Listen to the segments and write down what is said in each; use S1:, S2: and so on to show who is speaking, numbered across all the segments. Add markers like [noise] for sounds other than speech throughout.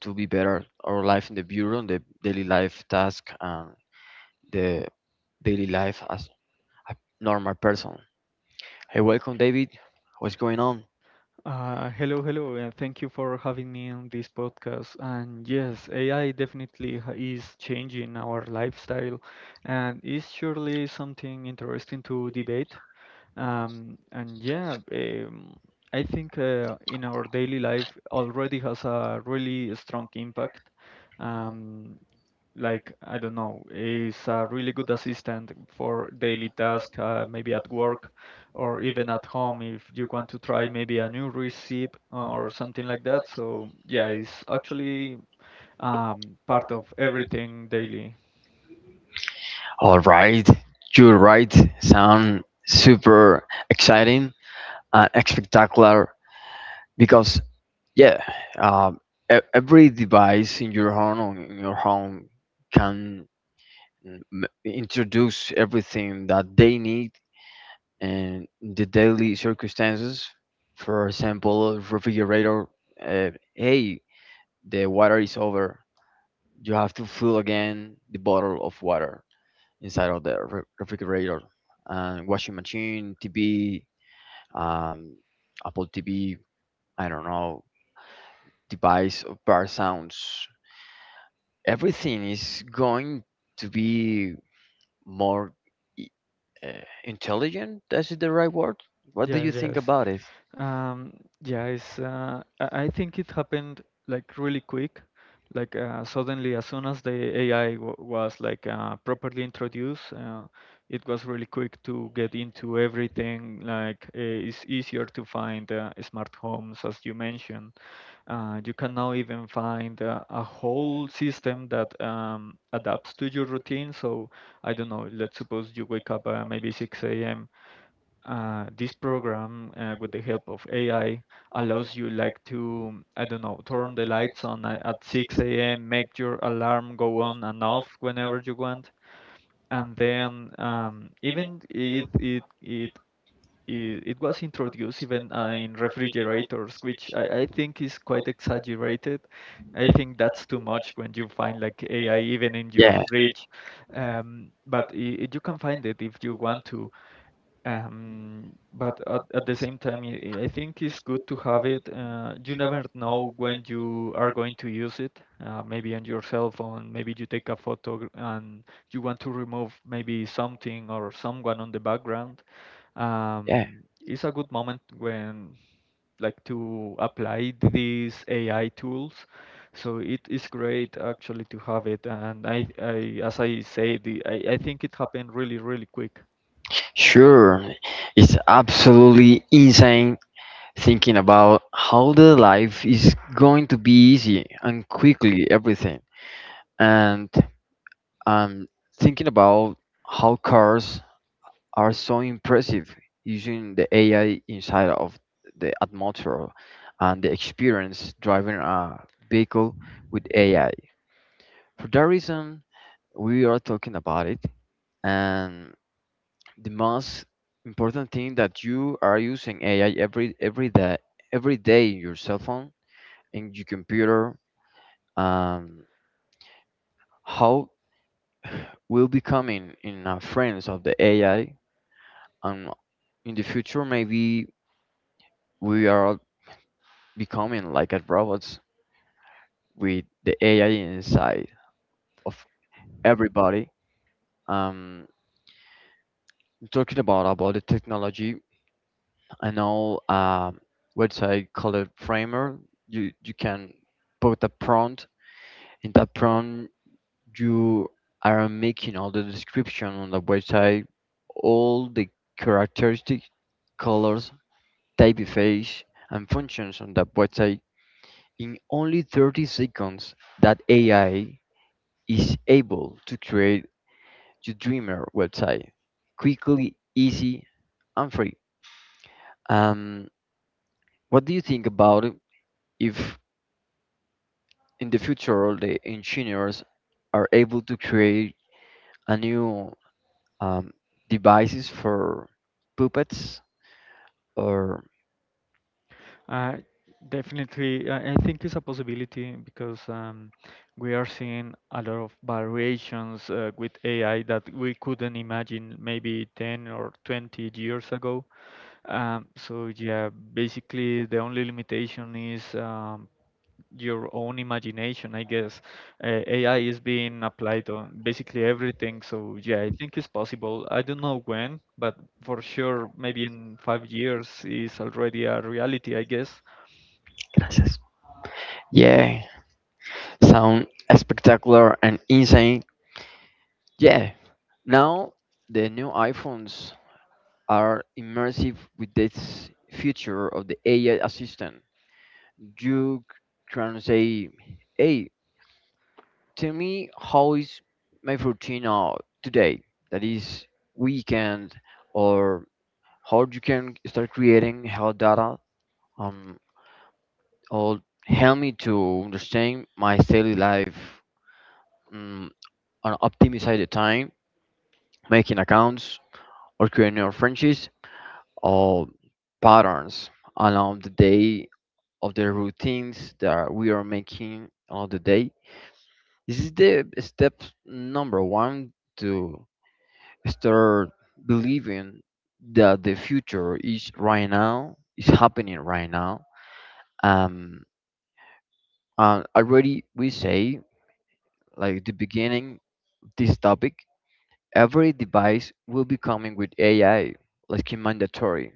S1: to be better our life in the bureau, the daily life task, and the daily life as a normal person. Hey, welcome, David. What's going on?
S2: Hello, hello, and thank you for having me on this podcast. And yes, AI definitely is changing our lifestyle, and is surely something interesting to debate. And yeah, I think in our daily life already has a really strong impact. Um, like I don't know, is a really good assistant for daily tasks. Maybe at work or even at home if you want to try maybe a new recipe or something like that. So yeah, it's actually part of everything daily.
S1: All right, you're right. Sound super exciting and spectacular because yeah, um, every device in your home can introduce everything that they need and the daily circumstances. For example, refrigerator. Hey, the water is over. You have to fill again the bottle of water inside of the refrigerator and washing machine, TV, um, Apple TV. I don't know device or bar sounds. Everything is going to be more i- intelligent. That's the right word. What do
S2: Yeah,
S1: you think
S2: yes.
S1: about it?
S2: Um, yeah, it's, I think it happened like really quick. Like suddenly, as soon as the AI was like properly introduced, it was really quick to get into everything. Like it's easier to find smart homes, as you mentioned. You can now even find a whole system that adapts to your routine. So I don't know, let's suppose you wake up maybe 6 a.m. This program with the help of AI allows you like to, I don't know, turn the lights on at 6 a.m. Make your alarm go on and off whenever you want. And then even it was introduced even in refrigerators, which I think is quite exaggerated. I think that's too much when you find like AI even in your
S1: Yeah,
S2: fridge. But I you can find it if you want to. But at the same time, I think it's good to have it. You never know when you are going to use it. Maybe on your cell phone, maybe you take a photo and you want to remove maybe something or someone on the background. Um,
S1: yeah,
S2: it's a good moment when like to apply these AI tools. So it is great actually to have it. And I, as I say, I think it happened really, really quick.
S1: Sure. It's absolutely insane thinking about how the life is going to be easy and quickly everything. And I'm thinking about how cars are so impressive using the AI inside of the atmosphere and the experience driving a vehicle with AI. For that reason, we are talking about it, and the most important thing that you are using AI every day in your cell phone in your computer. Um, how will becoming in friends of the AI and in the future maybe we are becoming like a robot with the AI inside of everybody. Um, talking about the technology, I know a website called Framer. You can put a prompt. In that prompt, you are making all the description on the website, all the characteristics, colors, typeface, and functions on the website in only 30 seconds. That AI is able to create your dreamer website quickly, easy, and free. Um, what do you think about it if in the future all the engineers are able to create a new um, devices for puppets or
S2: Uh, definitely, I think it's a possibility because we are seeing a lot of variations with AI that we couldn't imagine maybe 10 or 20 years ago. So, yeah, basically, the only limitation is your own imagination, I guess. AI is being applied on basically everything. So, yeah, I think it's possible. I don't know when, but for sure, maybe in 5 years is already a reality, I guess.
S1: Gracias. Yeah, sound spectacular and insane. Yeah, now the new iPhones are immersive with this feature of the AI assistant. You try and say, "Hey, tell me how is my routine out today? That is weekend, or how you can start creating health data, um, or help me to understand my daily life, um, and optimize the time, making accounts, or creating new friendships, or patterns along the day of the routines that we are making along the day." This is the step number one to start believing that the future is right now, is happening right now. Um, and already we say, like the beginning, of this topic, every device will be coming with AI, like in mandatory,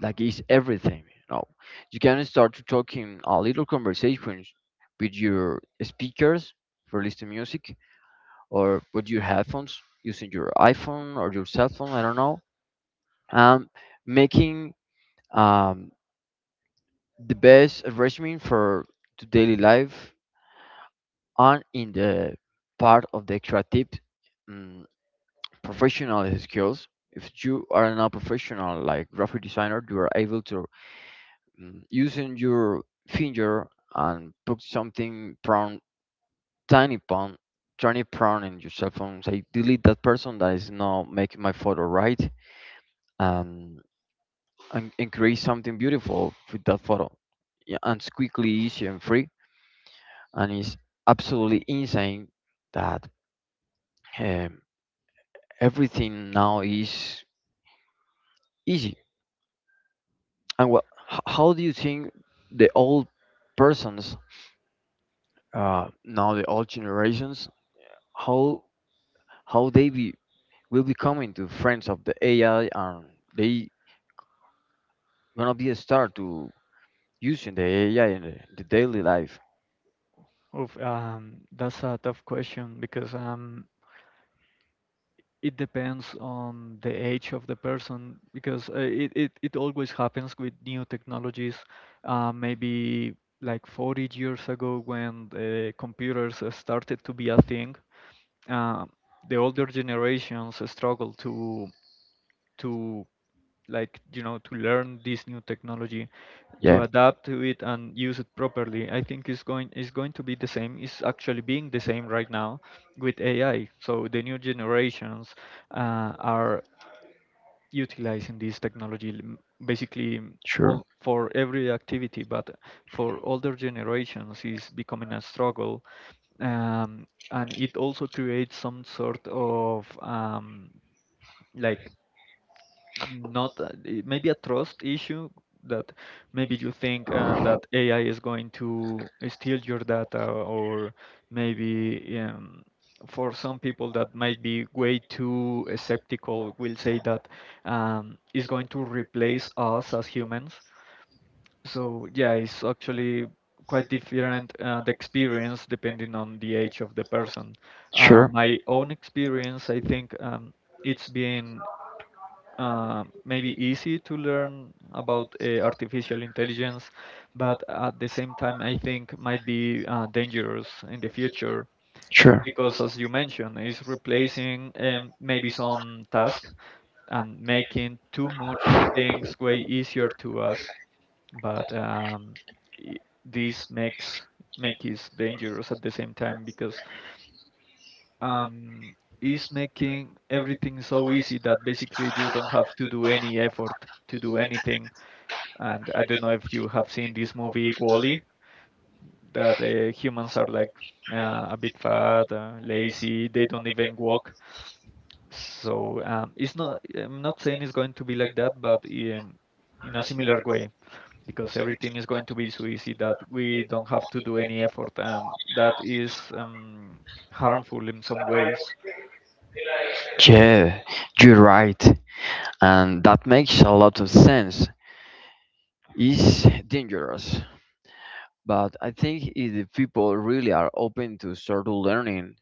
S1: like it's everything. You know, you can start to talking a little conversations with your speakers for listening music or with your headphones using your iPhone or your cell phone, I don't know, um, making um, the best regimen for to daily life and in the part of the creative um, professional skills. If you are not professional like graphic designer, you are able to using your finger and put something prone, tiny prone, tiny prone in your cell phone. Say delete that person that is not making my photo right and, and create something beautiful with that photo. Yeah, and it's quickly, easy, and free. And it's absolutely insane that um, everything now is easy. And what? How do you think the old persons now, the old generations, how how they be will be coming to friends of the AI and they gonna be a start to using the AI in the daily life?
S2: Oof, that's a tough question because it depends on the age of the person because it always happens with new technologies. Maybe like 40 years ago when the computers started to be a thing, uh, the older generations struggled to, like, to learn this new technology, to
S1: Yeah.
S2: adapt to it and use it properly. I think is going to be the same, is actually being the same right now with AI. So the new generations are utilizing this technology basically
S1: Sure,
S2: all for every activity. But for older generations is becoming a struggle. And it also creates some sort of like, not maybe a trust issue, that maybe you think that AI is going to steal your data. Or maybe for some people that might be way too skeptical will say that it's going to replace us as humans. So yeah, it's actually quite different, the experience depending on the age of the person. Uh,
S1: sure.
S2: my own
S1: Sure.
S2: experience, I think it's been maybe easy to learn about artificial intelligence, but at the same time, I think might be dangerous in the future because, as you mentioned, it's replacing maybe some task and making too much things way easier to us. But i- this make it dangerous at the same time because um, is making everything so easy that basically you don't have to do any effort to do anything. And I don't know if you have seen this movie Wall-E, that humans are like a bit fat, lazy, they don't even walk. So, it's not. I'm not saying it's going to be like that, but in a similar way, because everything is going to be so easy that we don't have to do any effort, and that is harmful in some ways.
S1: Yeah, you're right, and that makes a lot of sense. It's dangerous, but I think if the people really are open to start learning,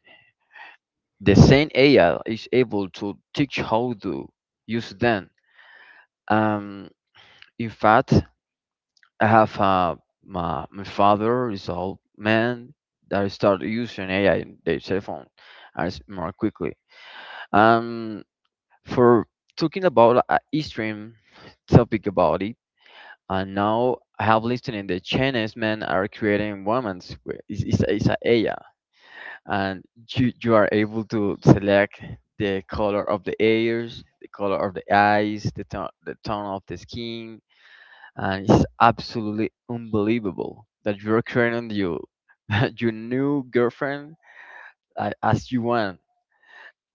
S1: the same AI is able to teach how to use them. Um, in fact, I have my father is an old man that started using AI in their cell phone as more quickly. Um, for talking about a extreme topic about it, and now I have listened in the Chinese men are creating women's where is it's, it's a A I, and you are able to select the color of the ears, the color of the eyes, the tone of the skin. And it's absolutely unbelievable that you're creating your [laughs] your new girlfriend as you want,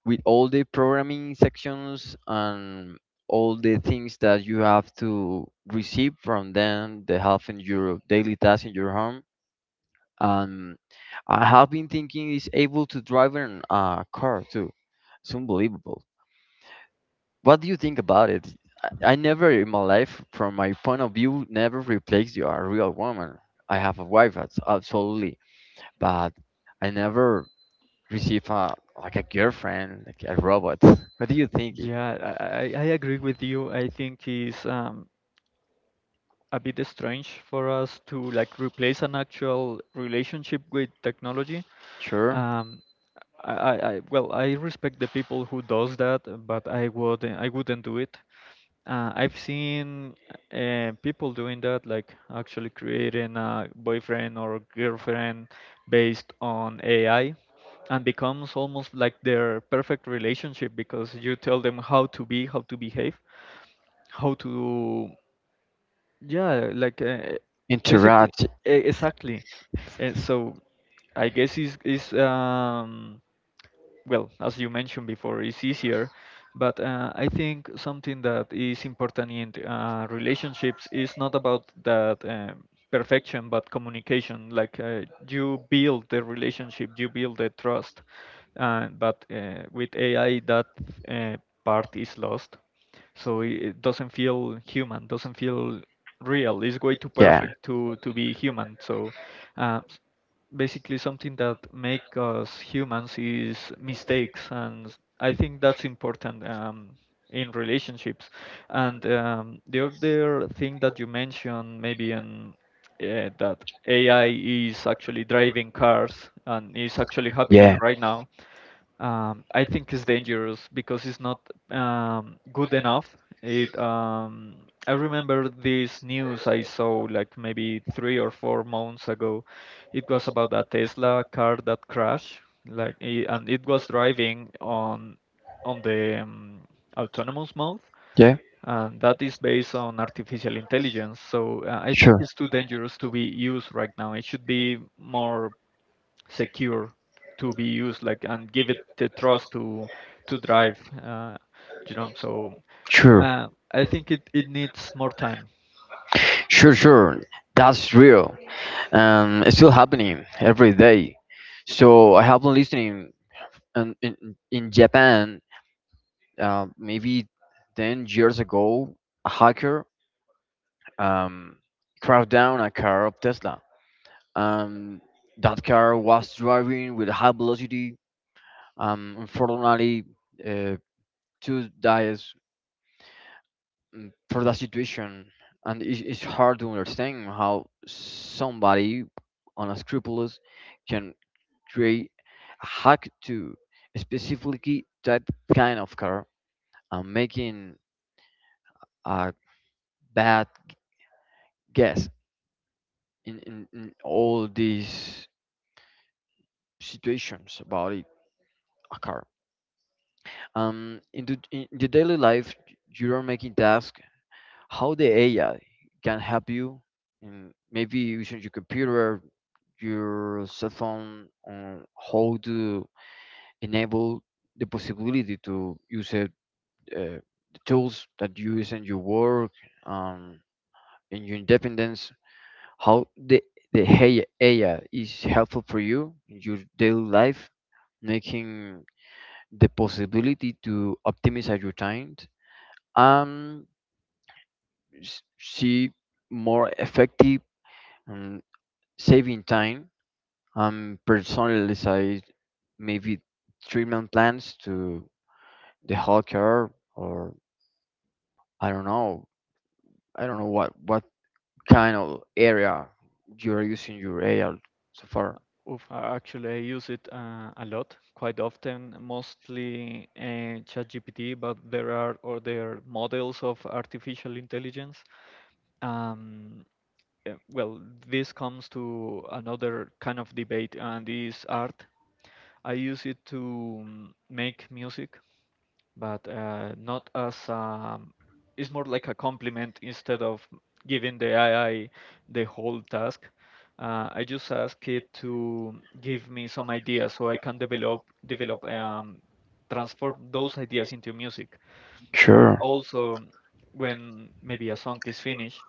S1: with all the programming sections and all the things that you have to receive from them, the help in your daily tasks in your home. And I have been thinking is able to drive in a car too. It's unbelievable. What do you think about it? I never in my life, from my point of view, never replaced you a real woman. I have a wife, that's absolutely, but I never receive a like a girlfriend, like a robot. What do you think?
S2: Yeah, I agree with you. I think it's a bit strange for us to like replace an actual relationship with technology.
S1: Sure.
S2: Um, well, I respect the people who does that, but I wouldn't do it. I've seen people doing that, like actually creating a boyfriend or girlfriend based on AI, and becomes almost like their perfect relationship because you tell them how to be, how to behave, how to, yeah, like basically,
S1: Interact.
S2: exactly. So I guess is well, as you mentioned before, it's easier. But I think something that is important in relationships is not about that perfection, but communication. Like you build the relationship, you build the trust. But with AI, that uh, part is lost, so it doesn't feel human, doesn't feel real. It's way too
S1: Yeah.
S2: perfect
S1: Yeah.
S2: to be human. So uh, s- basically something that make us humans is mistakes, and I think that's important in relationships. And the other thing that you mentioned maybe in that AI is actually driving cars, and is actually happening
S1: Yeah.
S2: right now. I think it's dangerous because it's not good enough. It I remember this news I saw like maybe 3 or 4 months ago. It was about a Tesla car that crashed, and it was driving on the autonomous mode, and that is based on artificial intelligence. So I think
S1: Sure.
S2: it's too dangerous to be used right now. It should be more secure to be used, like, and give it the trust to drive, you know, so
S1: Sure,
S2: uh, I think it needs more time.
S1: sure, sure. That's real. It's still happening every day. So I have been listening in Japan, maybe 10 years ago, a hacker um, crashed down a car of Tesla. Um, that car was driving with high velocity. Unfortunately, uh, two died for that situation, and it's hard to understand how somebody unscrupulous can create a hack to specifically that kind of car and making a bad guess in all these situations about it, a car. In the daily life, you are making tasks. How the AI can help you in maybe using your computer your cell phone on how to enable the possibility to use it, uh, the tools that you use in your work, um, in your independence, how the AI is helpful for you in your daily life, making the possibility to optimize your time and see more effective um, saving time. I'm maybe treatment plans to the whole care or I don't know. I don't know what kind of area you're using your AI so far.
S2: Oof, I actually, I use it a lot, quite often, mostly ChatGPT, but there are other models of artificial intelligence. Um, well, this comes to another kind of debate, and is art. I use it to make music. But not as it's more like a compliment instead of giving the AI the whole task. I just ask it to give me some ideas so I can develop, transform those ideas into music. But
S1: Sure.
S2: also, when maybe a song is finished,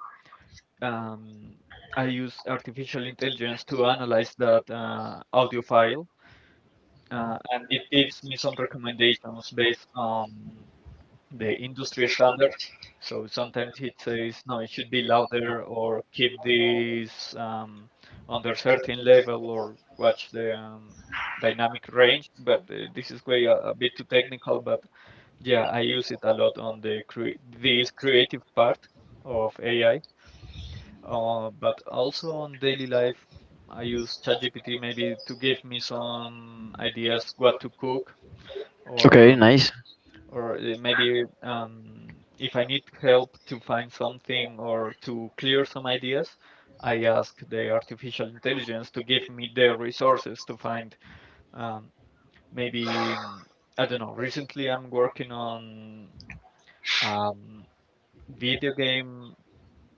S2: um, I use artificial intelligence to analyze that audio file. Uh, it gives me some recommendations based on the industry standards. So sometimes it says, no, it should be louder or keep this under certain level or watch the dynamic range. But this is way a bit too technical. But yeah, I use it a lot on the this creative part of AI. But also on daily life, I use ChatGPT maybe to give me some ideas what to cook,
S1: Okay,
S2: or
S1: nice.
S2: or maybe, if I need help to find something or to clear some ideas, I ask the artificial intelligence to give me the resources to find. Um, Maybe I don't know. Recently, I'm working on um, video game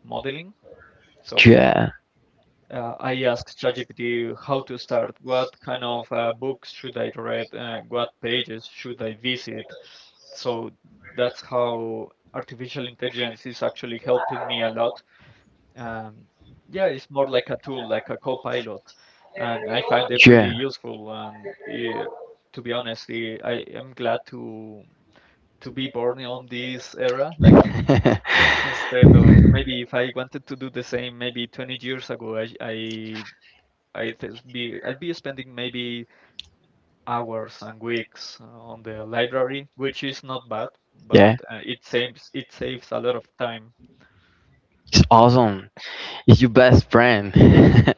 S2: modeling, so.
S1: Yeah. And
S2: I asked ChatGPT how to start, what kind of books should I read, what pages should I visit. So that's how artificial intelligence is actually helping me a lot. Um, yeah, it's more like a tool, like a co-pilot, and I find it really
S1: yeah.
S2: useful.
S1: [laughs]
S2: And to be honest, I am glad to be born on this era. Like,
S1: [laughs]
S2: instead of, maybe if I wanted to do the same, maybe 20 years ago, I'd be spending maybe hours and weeks on the library, which is not bad, but
S1: Yeah,
S2: uh, it saves a lot of time.
S1: it's awesome. It's your best friend. [laughs]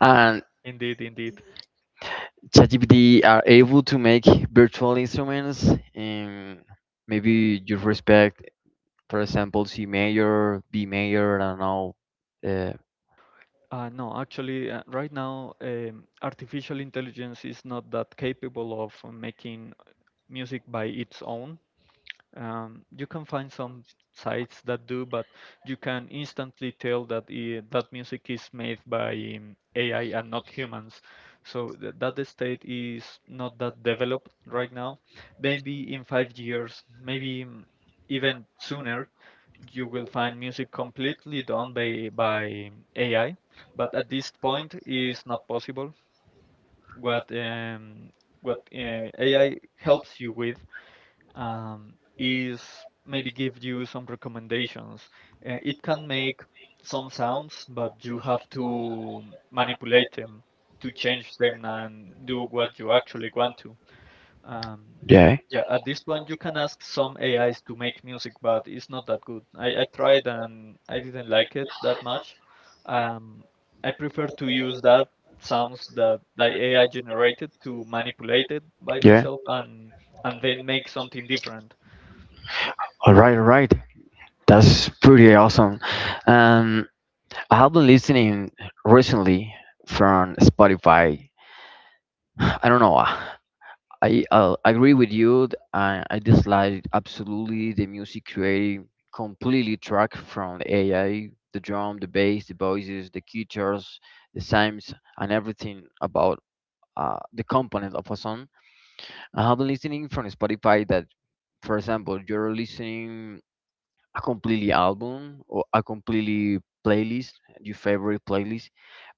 S1: And
S2: Indeed, indeed.
S1: ChatGPT are able to make virtual instruments in maybe you respect, for example, C major, B major, I don't know. Uh,
S2: No, actually, right now, artificial intelligence is not that capable of making music by its own. You can find some sites that do, but you can instantly tell that I that music is made by AI and not humans. So that state is not that developed right now. Maybe in 5 years, maybe even sooner, you will find music completely done by AI. But at this point, is not possible. What um, what AI helps you with is maybe give you some recommendations. It can make some sounds, but you have to manipulate them to change them and do what you actually want to. Um,
S1: yeah,
S2: yeah, at this point you can ask some AIs to make music, but it's not that good. I tried and I didn't like it that much. Um, I prefer to use that sounds that the AI generated to manipulate it by
S1: yeah.
S2: myself and then make something different.
S1: All right, all right. That's pretty awesome. Um, I have been listening recently from Spotify. [sighs] I don't know. I agree with you. I dislike absolutely the music creating completely track from the AI, the drum, the bass, the voices, the guitars, the sounds, and everything about the component of a song. I have been listening from Spotify that, for example, you're listening a completely album or a completely playlist, your favorite playlist,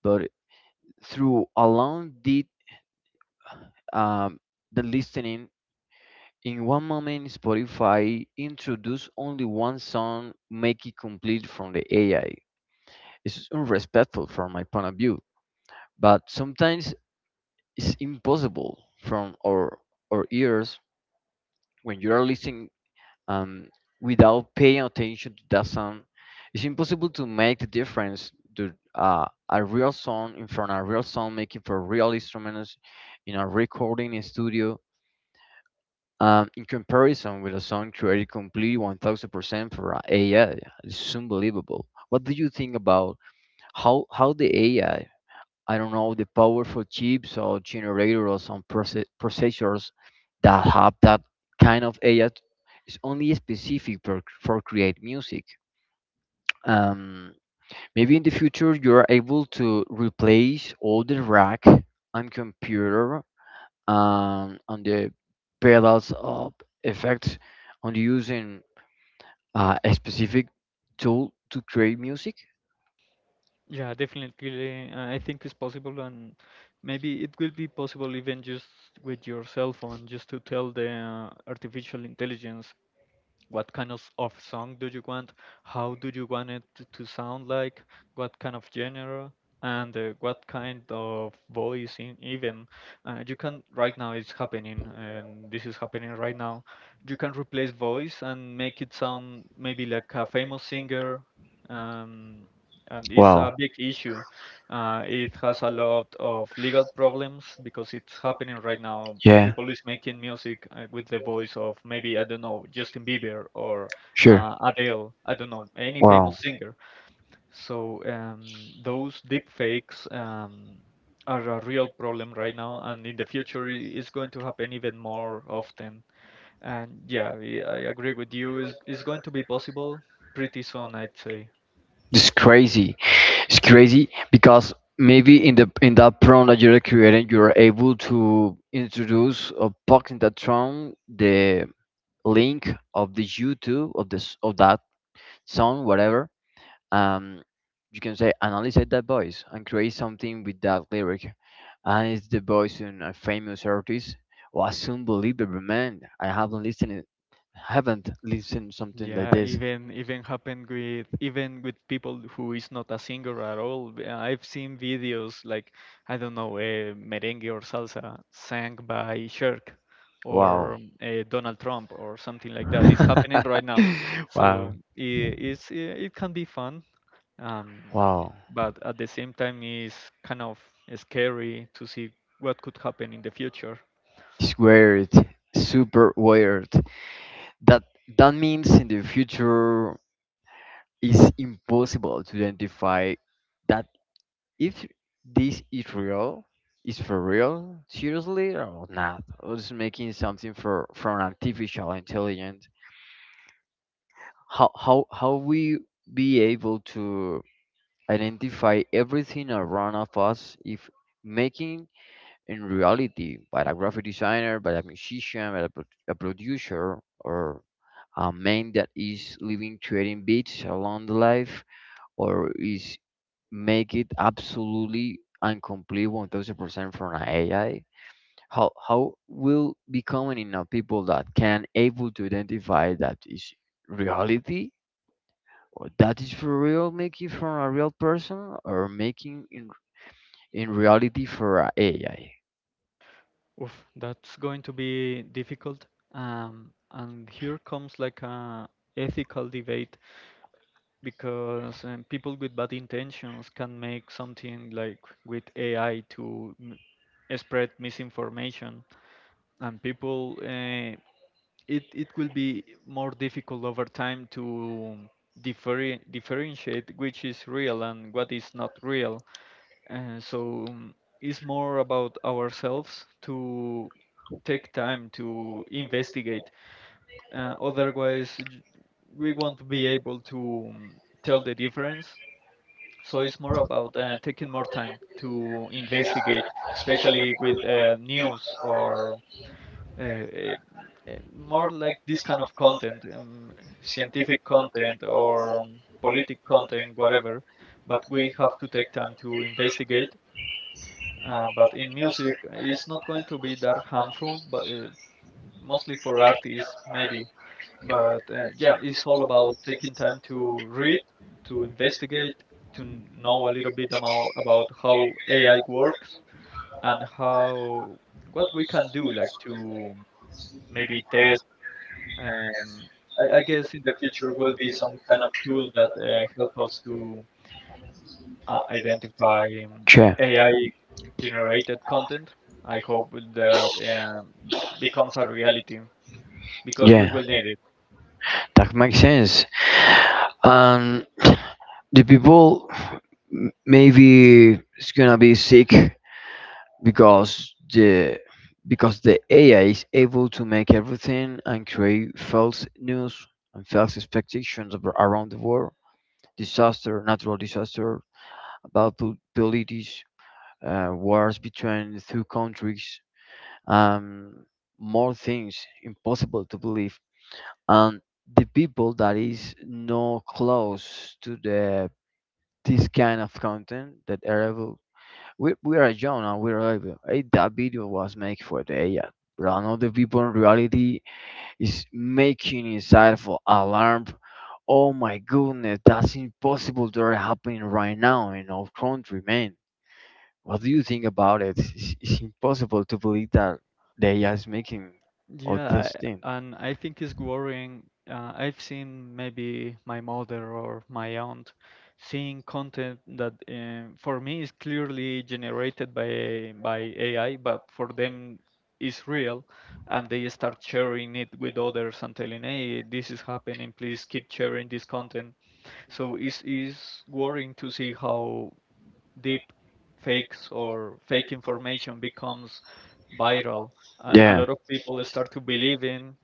S1: but through along um, the listening. In one moment, Spotify introduced only one song, make it complete from the AI. It's unrespectful from my point of view, but sometimes it's impossible from our ears when you are listening um, without paying attention to that song. It's impossible to make the difference to a real song in front a real song making for real instruments in a recording studio. In comparison with a song created completely 1000% for AI, it's unbelievable. What do you think about how the AI, I don't know, the powerful chips or generators or processors that have that kind of AI is only specific for create music. Um, maybe in the future you are able to replace all the rack and computer on the pedals of effects, on using a specific tool to create music.
S2: Yeah, definitely. I think it's possible, and maybe it will be possible even just with your cell phone, just to tell the artificial intelligence what kind of song do you want, how do you want to sound like, what kind of genre, and what kind of voice in even you can, right now it's happening, and this is happening right now. You can replace voice and make it sound maybe like a famous singer, um, and it's a big issue. Uh, it has a lot of legal problems because it's happening right now.
S1: Yeah,
S2: People is making music with the voice of maybe, I don't know, Justin Bieber or
S1: sure.
S2: Adele, I don't know, any famous singer. So those deep fakes are a real problem right now, and in the future. It's going to happen even more often. And yeah, I agree with you. It's going to be possible pretty soon, I'd say.
S1: It's crazy. It's crazy because maybe in the in that prompt that you're creating, you're able to introduce or box in that prompt the link of the YouTube of this of that song, whatever, um, you can say analyze that voice and create something with that lyric. And it's the voice in a famous artist. Was unbelievable, man. I haven't listened it- haven't listened something like
S2: Yeah,
S1: this.
S2: even happened with, even with people who is not a singer at all. I've seen videos like, I don't know, merengue or salsa sang by Shirk or
S1: Wow.
S2: Donald Trump or something like that. It's happening right now,
S1: [laughs]
S2: so
S1: Wow.
S2: it it can be fun, um,
S1: Wow.
S2: but at the same time, it's kind of scary to see what could happen in the future.
S1: It's weird. Super weird. That that means in the future it's impossible to identify that if this is real, is for real, seriously or not, or just making something for from artificial intelligence, how we be able to identify everything around of us if making in reality by a graphic designer, by a musician, by a, a producer or a man that is living creating beats along the life or is make it absolutely and complete 1000% from an AI? How will becoming enough people that can able to identify that is reality or that is for real making from a real person or making in reality for a AI?
S2: Oof, that's going to be difficult. And here comes like a ethical debate because people with bad intentions can make something like with AI to spread misinformation, and people. It will be more difficult over time to differentiate which is real and what is not real, so it's more about ourselves to take time to investigate. Otherwise, we won't be able to tell the difference. So it's more about taking more time to investigate, especially with news or uh, uh, more like this kind of content, scientific content or politic content, whatever. But we have to take time to investigate. But in music, it's not going to be that harmful, but mostly for artists, maybe. But yeah, it's all about taking time to read, to investigate, to know a little bit about how AI works, and how what we can do, like to maybe test. Um, I guess in the future will be some kind of tool that help us to identify
S1: Sure.
S2: AI generated content. I hope that becomes a reality because we
S1: Yeah,
S2: will need it.
S1: that makes sense. And the people maybe it's gonna be sick because the because the AI is able to make everything and create false news and false expectations around the world. Disaster, natural disaster, about politics, wars between two countries, um, more things impossible to believe. And the people that is no close to the this kind of content that are we are young and we're able. Eh, that video was made for the AI. But I know the people in reality is making inside for alarm. Oh my goodness, that's impossible to are happening right now in our country, man. What do you think about it? It's impossible to believe that the AI is making all
S2: Yeah,
S1: this thing.
S2: I- and I think it's worrying. I've seen maybe my mother or my aunt seeing content that for me is clearly generated by AI, but for them is real, and they start sharing it with others and telling, "Hey, this is happening. Please keep sharing this content." So it's worrying to see how deep fakes or fake information becomes viral, and a
S1: Yeah,
S2: lot of people start to believe in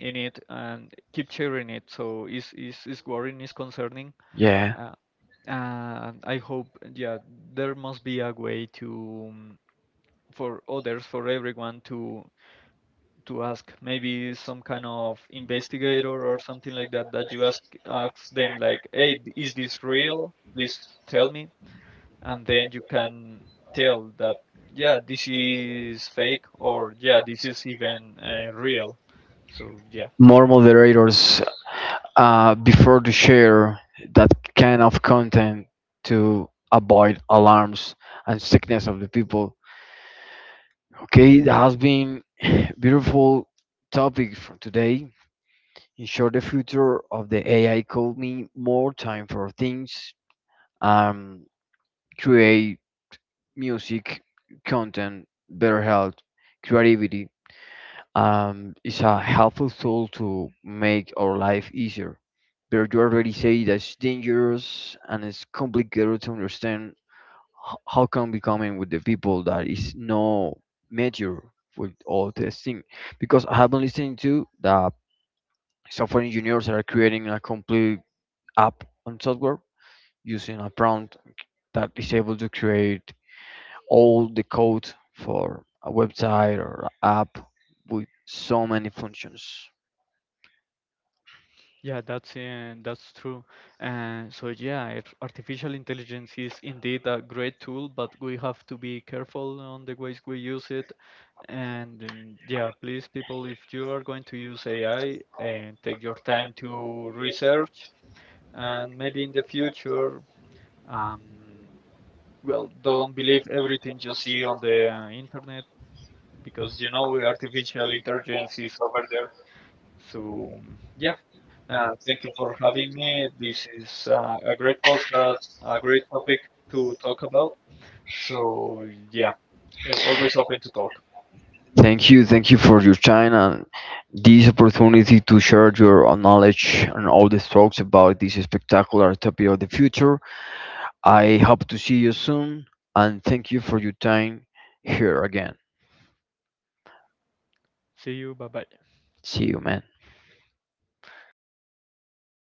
S2: in it and keep sharing it. So it's worrying, it's concerning,
S1: yeah.
S2: uh, and I hope, yeah, there must be a way to, for others, for everyone to ask maybe some kind of investigator or something like that, that you ask them like, hey, is this real, please tell me, and then you can tell that, yeah, this is fake, or yeah, this is even, real, so yeah.
S1: More moderators before to share that kind of content to avoid alarms and sickness of the people. Okay, that has been [laughs] [sighs] beautiful topic for today. Ensure the future of the AI could mean more time for things, um, create music, content, better health, creativity, is a helpful tool to make our life easier. But you already say that's dangerous and it's complicated to understand how come we coming with the people that is no major with all this thing. Because I have been listening to the software engineers that are creating a complete app on software using a prompt that is able to create all the code for a website or a app with so many functions.
S2: Yeah, that's true. So yeah, artificial intelligence is indeed a great tool, but we have to be careful on the ways we use it. And yeah, please, people, if you are going to use AI, take your time to research, and maybe in the future, um, well, don't believe everything you see on the internet, because you know artificial intelligence is over there. So yeah. Thank you for having me. This is a great podcast, a great topic to talk about. So, yeah, I'm always open to talk.
S1: Thank you for your time and this opportunity to share your knowledge and all the thoughts about this spectacular topic of the future. I hope to see you soon and thank you for your time here again.
S2: See you. Bye bye.
S1: See you, man.